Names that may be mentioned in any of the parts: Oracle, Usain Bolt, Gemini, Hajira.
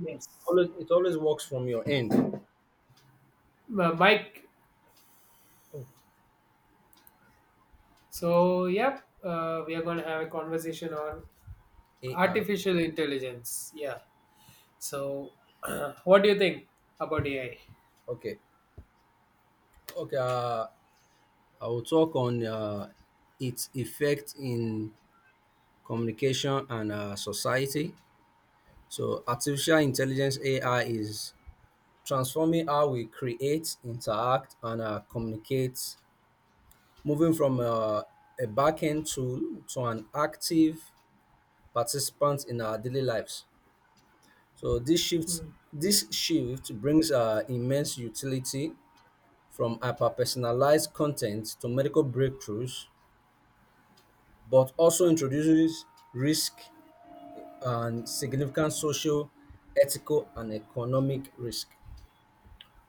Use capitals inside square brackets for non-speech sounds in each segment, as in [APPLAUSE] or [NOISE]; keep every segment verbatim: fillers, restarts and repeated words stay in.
Yes. Always it always works from your end. Uh, Mike, Oh, so yep, uh, we are going to have a conversation on AI. artificial intelligence. Yeah. So, [CLEARS THROAT] what do you think about A I? Okay okay uh, I will talk on uh, its effect in communication and uh, society. So artificial intelligence, AI, is transforming how we create, interact, and uh, communicate, moving from uh, a back-end tool to an active participant in our daily lives. so this shift Hmm. this shift brings uh, immense utility, from hyper-personalized content to medical breakthroughs, but also introduces risk and significant social, ethical, and economic risk.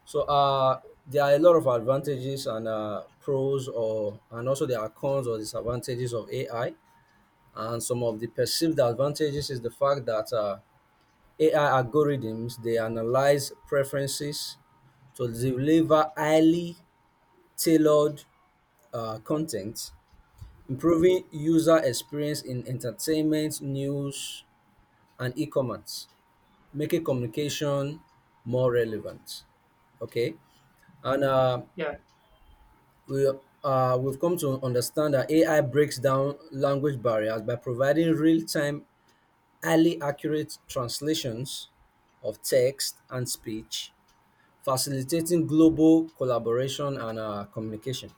So uh, there are a lot of advantages and uh, pros, or and also there are cons or disadvantages of A I. And some of the perceived advantages is the fact that uh, A I algorithms, they analyze preferences to deliver highly tailored uh, content, improving user experience in entertainment, news, and e-commerce, making communication more relevant. Okay, and uh, Yeah. we uh, we've come to understand that A I breaks down language barriers by providing real-time, highly accurate translations of text and speech, facilitating global collaboration and uh, communication.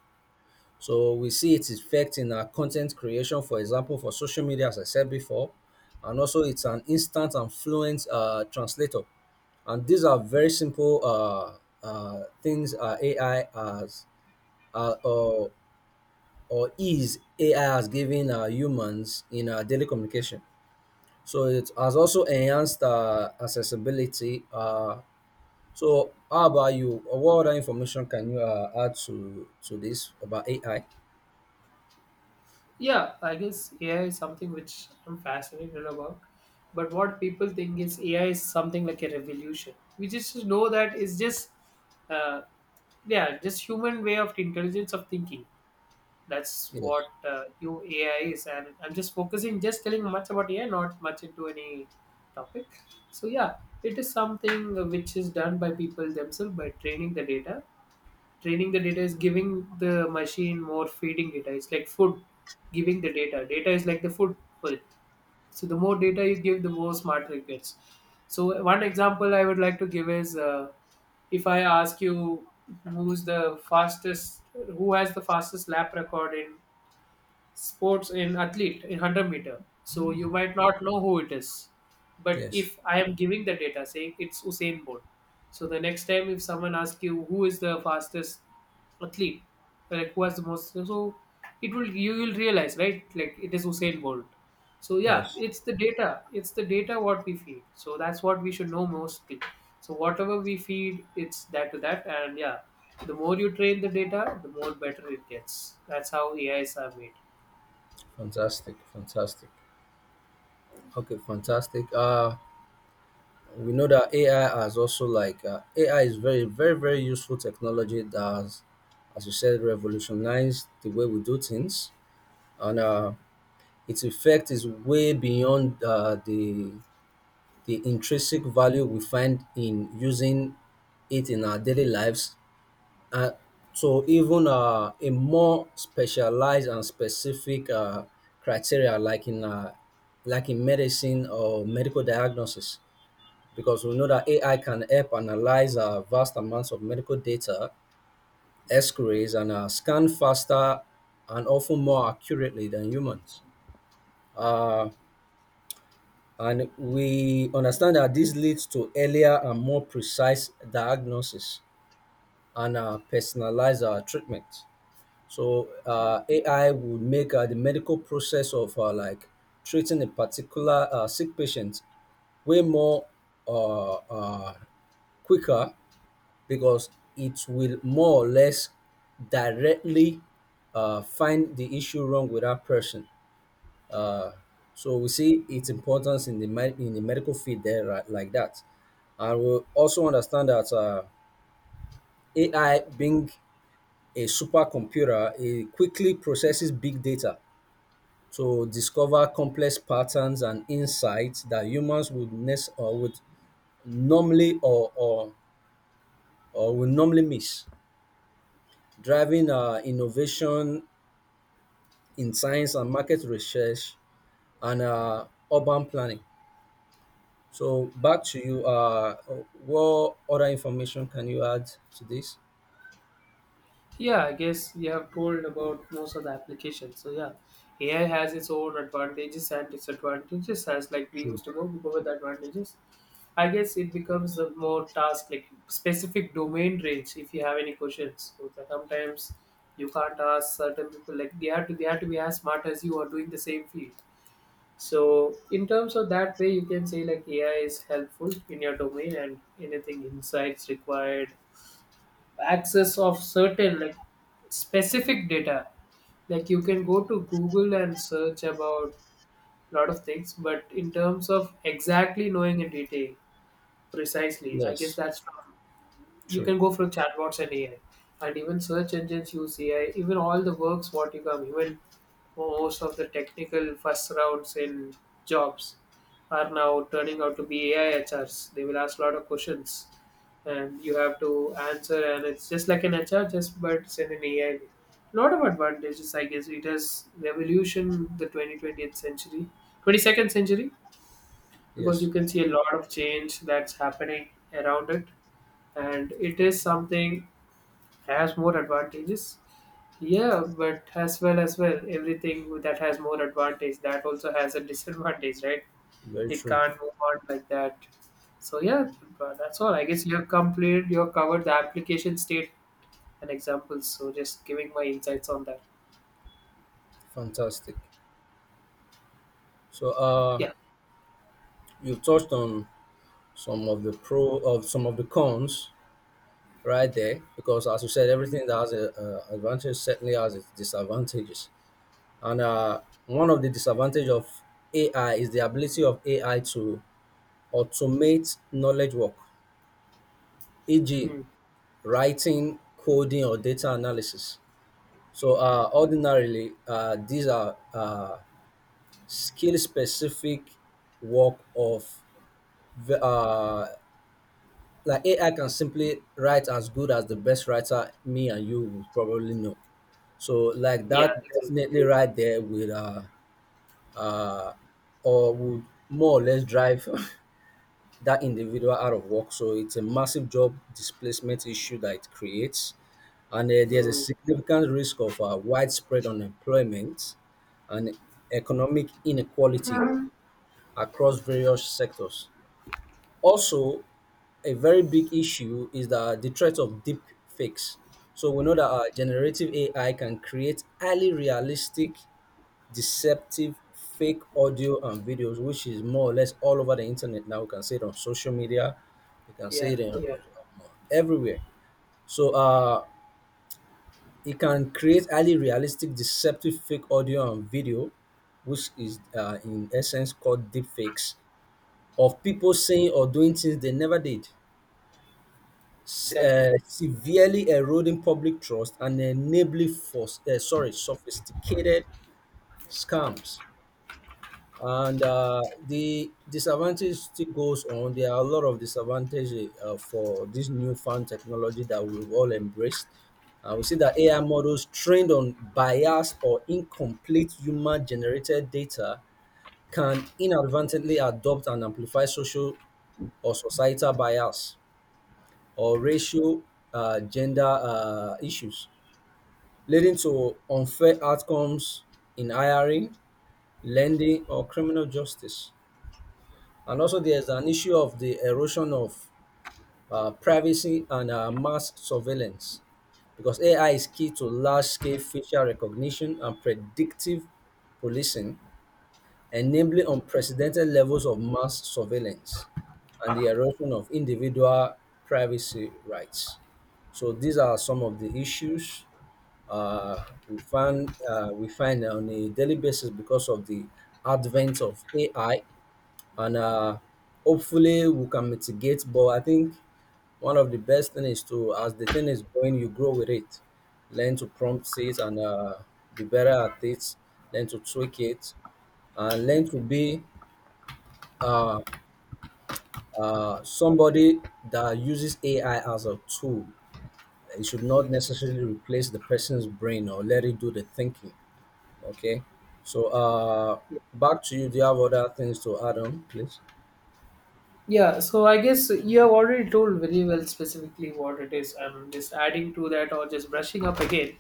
So we see its effect in our content creation, for example, for social media, as I said before, and also it's an instant and fluent uh, translator. And these are very simple uh, uh, things uh, A I has uh, or or ease A I has given uh, humans in uh, daily communication. So it has also enhanced uh, accessibility. Uh, so how about you? What other information can you uh, add to to this about A I? Yeah, I guess A I is something which I'm fascinated about. But what people think is A I is something like a revolution. We just know that it's just, uh, yeah, just human way of intelligence of thinking. That's Yes. what uh, new A I is, and I'm just focusing, just telling much about A I, not much into any topic. So yeah, it is something which is done by people themselves by training the data. Training the data is giving the machine more feeding data. It's like food, giving the data. Data is like the food for it. So the more data you give, the more smarter it gets. So one example I would like to give is uh, if I ask you who's the fastest, who has the fastest lap record in sports in athlete in one hundred meter, so you might not know who it is. But Yes. if I am giving the data, saying it's Usain Bolt, so the next time if someone asks you who is the fastest athlete, like who has the most, so it will you will realize, right, like it is Usain Bolt. So yeah, Yes, it's the data it's the data what we feed, so that's what we should know mostly. So whatever we feed, it's that to that. And yeah, the more you train the data, the more better it gets. That's how AIs are made. fantastic, fantastic. Okay, fantastic. Uh, we know that A I has also, like, uh, A I is very, very, very useful technology that has, as you said, revolutionized the way we do things, and uh, its effect is way beyond uh, the the intrinsic value we find in using it in our daily lives, and to even uh, a more specialized and specific uh, criteria, like in uh, like in medicine or medical diagnosis, because we know that A I can help analyze uh, vast amounts of medical data, X-rays, and uh, scan faster and often more accurately than humans. Uh, and we understand that this leads to earlier and more precise diagnosis and uh, personalize our treatment. So uh, A I would make uh, the medical process of uh, like treating a particular uh, sick patient way more uh, uh, quicker, because it will more or less directly uh, find the issue wrong with that person. Uh, so we see its importance in the med- in the medical field there, right, like that, and we also understand that uh, A I being a supercomputer, it quickly processes big data to discover complex patterns and insights that humans would nes- or would normally or, or, or would normally miss, driving uh, innovation in science and market research and uh, urban planning. So back to you. Uh, what other information can you add to this? Yeah, I guess we have told about most of the applications. So yeah, A I has its own advantages and disadvantages. As like we True. used to go, we go with the advantages. I guess it becomes a more task like specific domain range if you have any questions. So that sometimes you can't ask certain people, like they have to they have to be as smart as you are doing the same field. So in terms of that way, you can say like A I is helpful in your domain, and anything insights required, access of certain like specific data, like you can go to Google and search about a lot of things, but in terms of exactly knowing in detail precisely, I guess Yes, that's from, you true. can go for chatbots and AI, and even search engines use AI, even all the works what you come, even most of the technical first rounds in jobs are now turning out to be AI HRs. They will ask a lot of questions and you have to answer, and it's just like an H R just but send an A I. Lot of advantages, I guess it has revolution the twenty twentieth century, twenty second century, because Yes, you can see a lot of change that's happening around it, and it is something has more advantages. Yeah, but as well as well everything that has more advantage, that also has a disadvantage, right? very It true. can't move on like that. So yeah, but that's all, I guess. You have completed you have covered the application state. An example. So just giving my insights on that. Fantastic. So, uh, Yeah. you've touched on some of the pro of some of the cons right there, because as you said, Mm. everything that has a, a advantage certainly has its disadvantages, and uh, one of the disadvantage of AI is the ability of AI to automate knowledge work, e.g. Mm. writing, coding, or data analysis. So uh, ordinarily uh, these are uh, skill specific work of ve- uh, like A I can simply write as good as the best writer, me and you would probably know. So like Yeah. that, Exactly. definitely, right, there will uh, uh or would more or less drive [LAUGHS] that individual out of work. So it's a massive job displacement issue that it creates. And uh, there's a Mm. significant risk of uh, widespread unemployment and economic inequality across various sectors. Also, a very big issue is that the threat of deep fakes. So we know that uh, generative A I can create highly realistic, deceptive, fake audio and videos, which is more or less all over the internet now. We can see it on social media, we can see Yeah. it in, Yeah. uh, everywhere. So uh, it can create highly realistic, deceptive, fake audio and video, which is uh, in essence called deep fakes, of people saying or doing things they never did. s- Exactly. Uh, severely eroding public trust and enabling for uh, sorry, sophisticated scams. And uh, the disadvantage still goes on. There are a lot of disadvantages eh, uh, for this newfound technology that we've all embraced. Uh, we see that A I models trained on biased or incomplete human generated data can inadvertently adopt and amplify social or societal bias, or racial, uh, gender uh, issues, leading to unfair outcomes in hiring, lending, or criminal justice. And also, there's an issue of the erosion of uh, privacy and uh, mass surveillance, because A I is key to large scale facial recognition and predictive policing, enabling unprecedented levels of mass surveillance and the erosion of individual privacy rights. So these are some of the issues uh, we find uh, we find on a daily basis because of the advent of A I, and uh, hopefully we can mitigate. But I think one of the best thing is to, as the thing is going, you grow with it, learn to prompt it and uh, be better at it, learn to tweak it, and learn to be uh, uh, somebody that uses A I as a tool. It should not Ex- necessarily replace the person's brain or let it do the thinking. Okay, so uh, Yeah. back to you. Do you have other things to add on, please? Yeah, so I guess you have already told very well specifically what it is. I'm just adding to that or just brushing up again.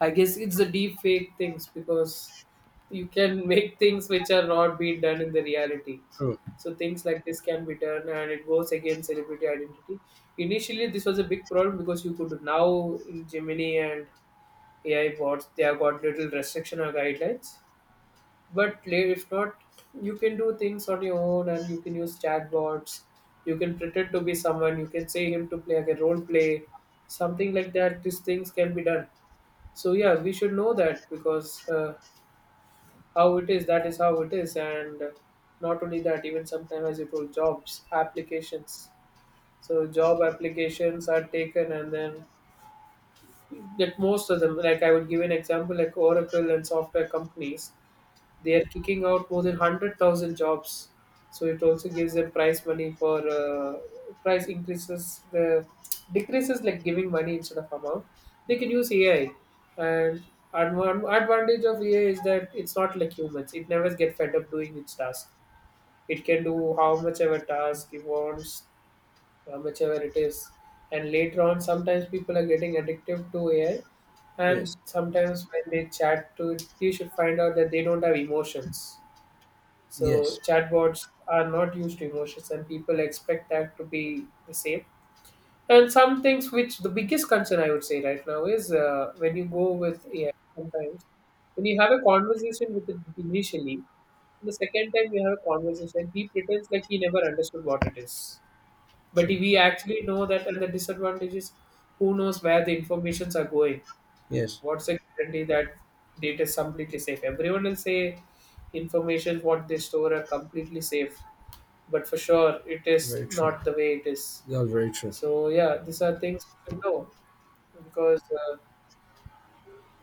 I guess it's the deep fake things because you can [LAUGHS] make things which are not being done in the reality. True. So things like this can be done, and it goes against celebrity identity. Initially, this was a big problem because you could now in Gemini and A I bots, they have got little restriction or guidelines. But la- if not, you can do things on your own and you can use chatbots. You can pretend to be someone. You can say him to play like a role play, something like that. These things can be done. So yeah, we should know that because uh, how it is, that is how it is. And not only that, even sometimes as you told, jobs applications. So job applications are taken, and then that most of them, like I would give an example, like Oracle and software companies, they are kicking out more than one hundred thousand jobs. So it also gives them prize money for uh, price increases the decreases, like giving money instead of amount, they can use AI. And advan- advantage of AI is that it's not like humans, it never get fed up doing its task. It can do how much ever task it wants, uh, whichever it is. And later on, sometimes people are getting addictive to A I, and Yes. sometimes when they chat to it, you should find out that they don't have emotions. So Yes. chatbots are not used to emotions, and people expect that to be the same. And some things which the biggest concern I would say right now is, uh, when you go with A I sometimes, when you have a conversation with it initially, the second time you have a conversation, he pretends like he never understood what it is, but True. we actually know that. And the disadvantage is, who knows where the informations are going, Yes. what's the guarantee that data is completely safe. Everyone will say information what they store are completely safe, but for sure it is Very true. not the way it is. That was very true. So yeah, these are things to know because, uh,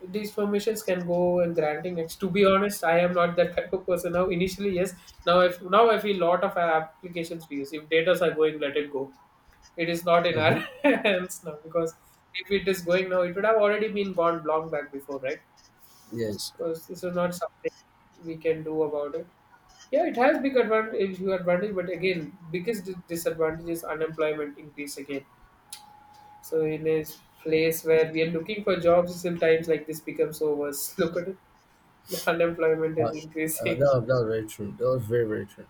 these permissions can go and granting it. To be honest, I am not that type of person. Now initially, yes, now I f- now I feel lot of applications we use, if data are going, let it go. It is not in our Mm-hmm. [LAUGHS] hands now, because if it is going now, it would have already been gone long back before, right? Yes. Because this is not something we can do about it. Yeah, it has big advantage, huge advantage, but again, biggest dis- disadvantage is unemployment increase again. So in a place where we are looking for jobs, sometimes like this becomes so worse. [LAUGHS] Look at it, the unemployment is Uh, uh, that, increasing. was, that was very true. That was very, very true.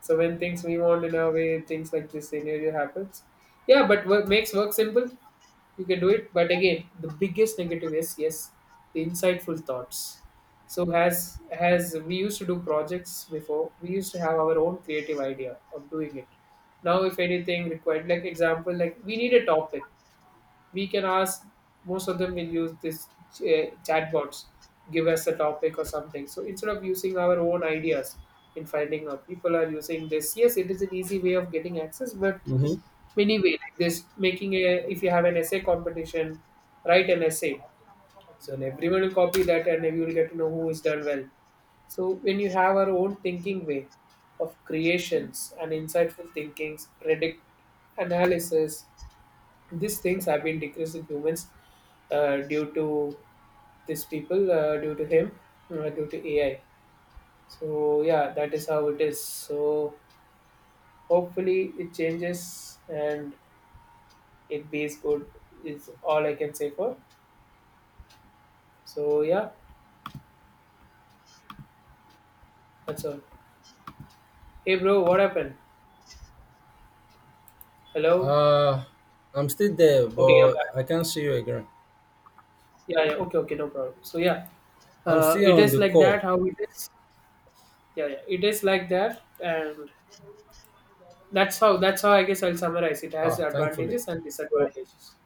So when things we want in our way, things like this scenario happens. Yeah, but work makes work simple. You can do it. But again, the biggest negative is, yes, the insightful thoughts. So as as we used to do projects before, we used to have our own creative idea of doing it. Now, if anything required, like example, like we need a topic, we can ask. Most of them will use this uh, chatbots, give us a topic or something. So instead of using our own ideas, in finding out, people are using this. Yes, it is an easy way of getting access, but Mm-hmm. many way like this, making a, if you have an essay competition, write an essay, so, and everyone will copy that and you will get to know who is done well. So when you have our own thinking way of creations and insightful thinkings, predict analysis, these things have been decreased in humans, uh, due to these people, uh, due to him, uh, due to A I. So yeah, that is how it is. So hopefully it changes, and it it is good. Is all I can say for. So yeah, that's all. Hey bro, what happened? Hello. Uh, I'm still there, Okay, you're but back. I can't see you again. Yeah, yeah. Okay, okay, no problem. So yeah, I'm uh, it still on is the like that. call. How it is? Yeah, yeah. It is like that. And That's how that's how I guess I'll summarize. It has Ah, thankfully. advantages and Oh. disadvantages.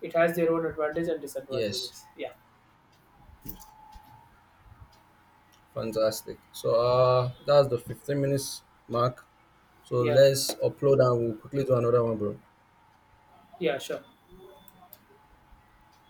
It has their own advantage and Yes. disadvantages. Yeah. Fantastic. So uh, that's the fifteen minutes mark. So Yeah. let's upload and we'll quickly do another one, bro. Yeah, sure.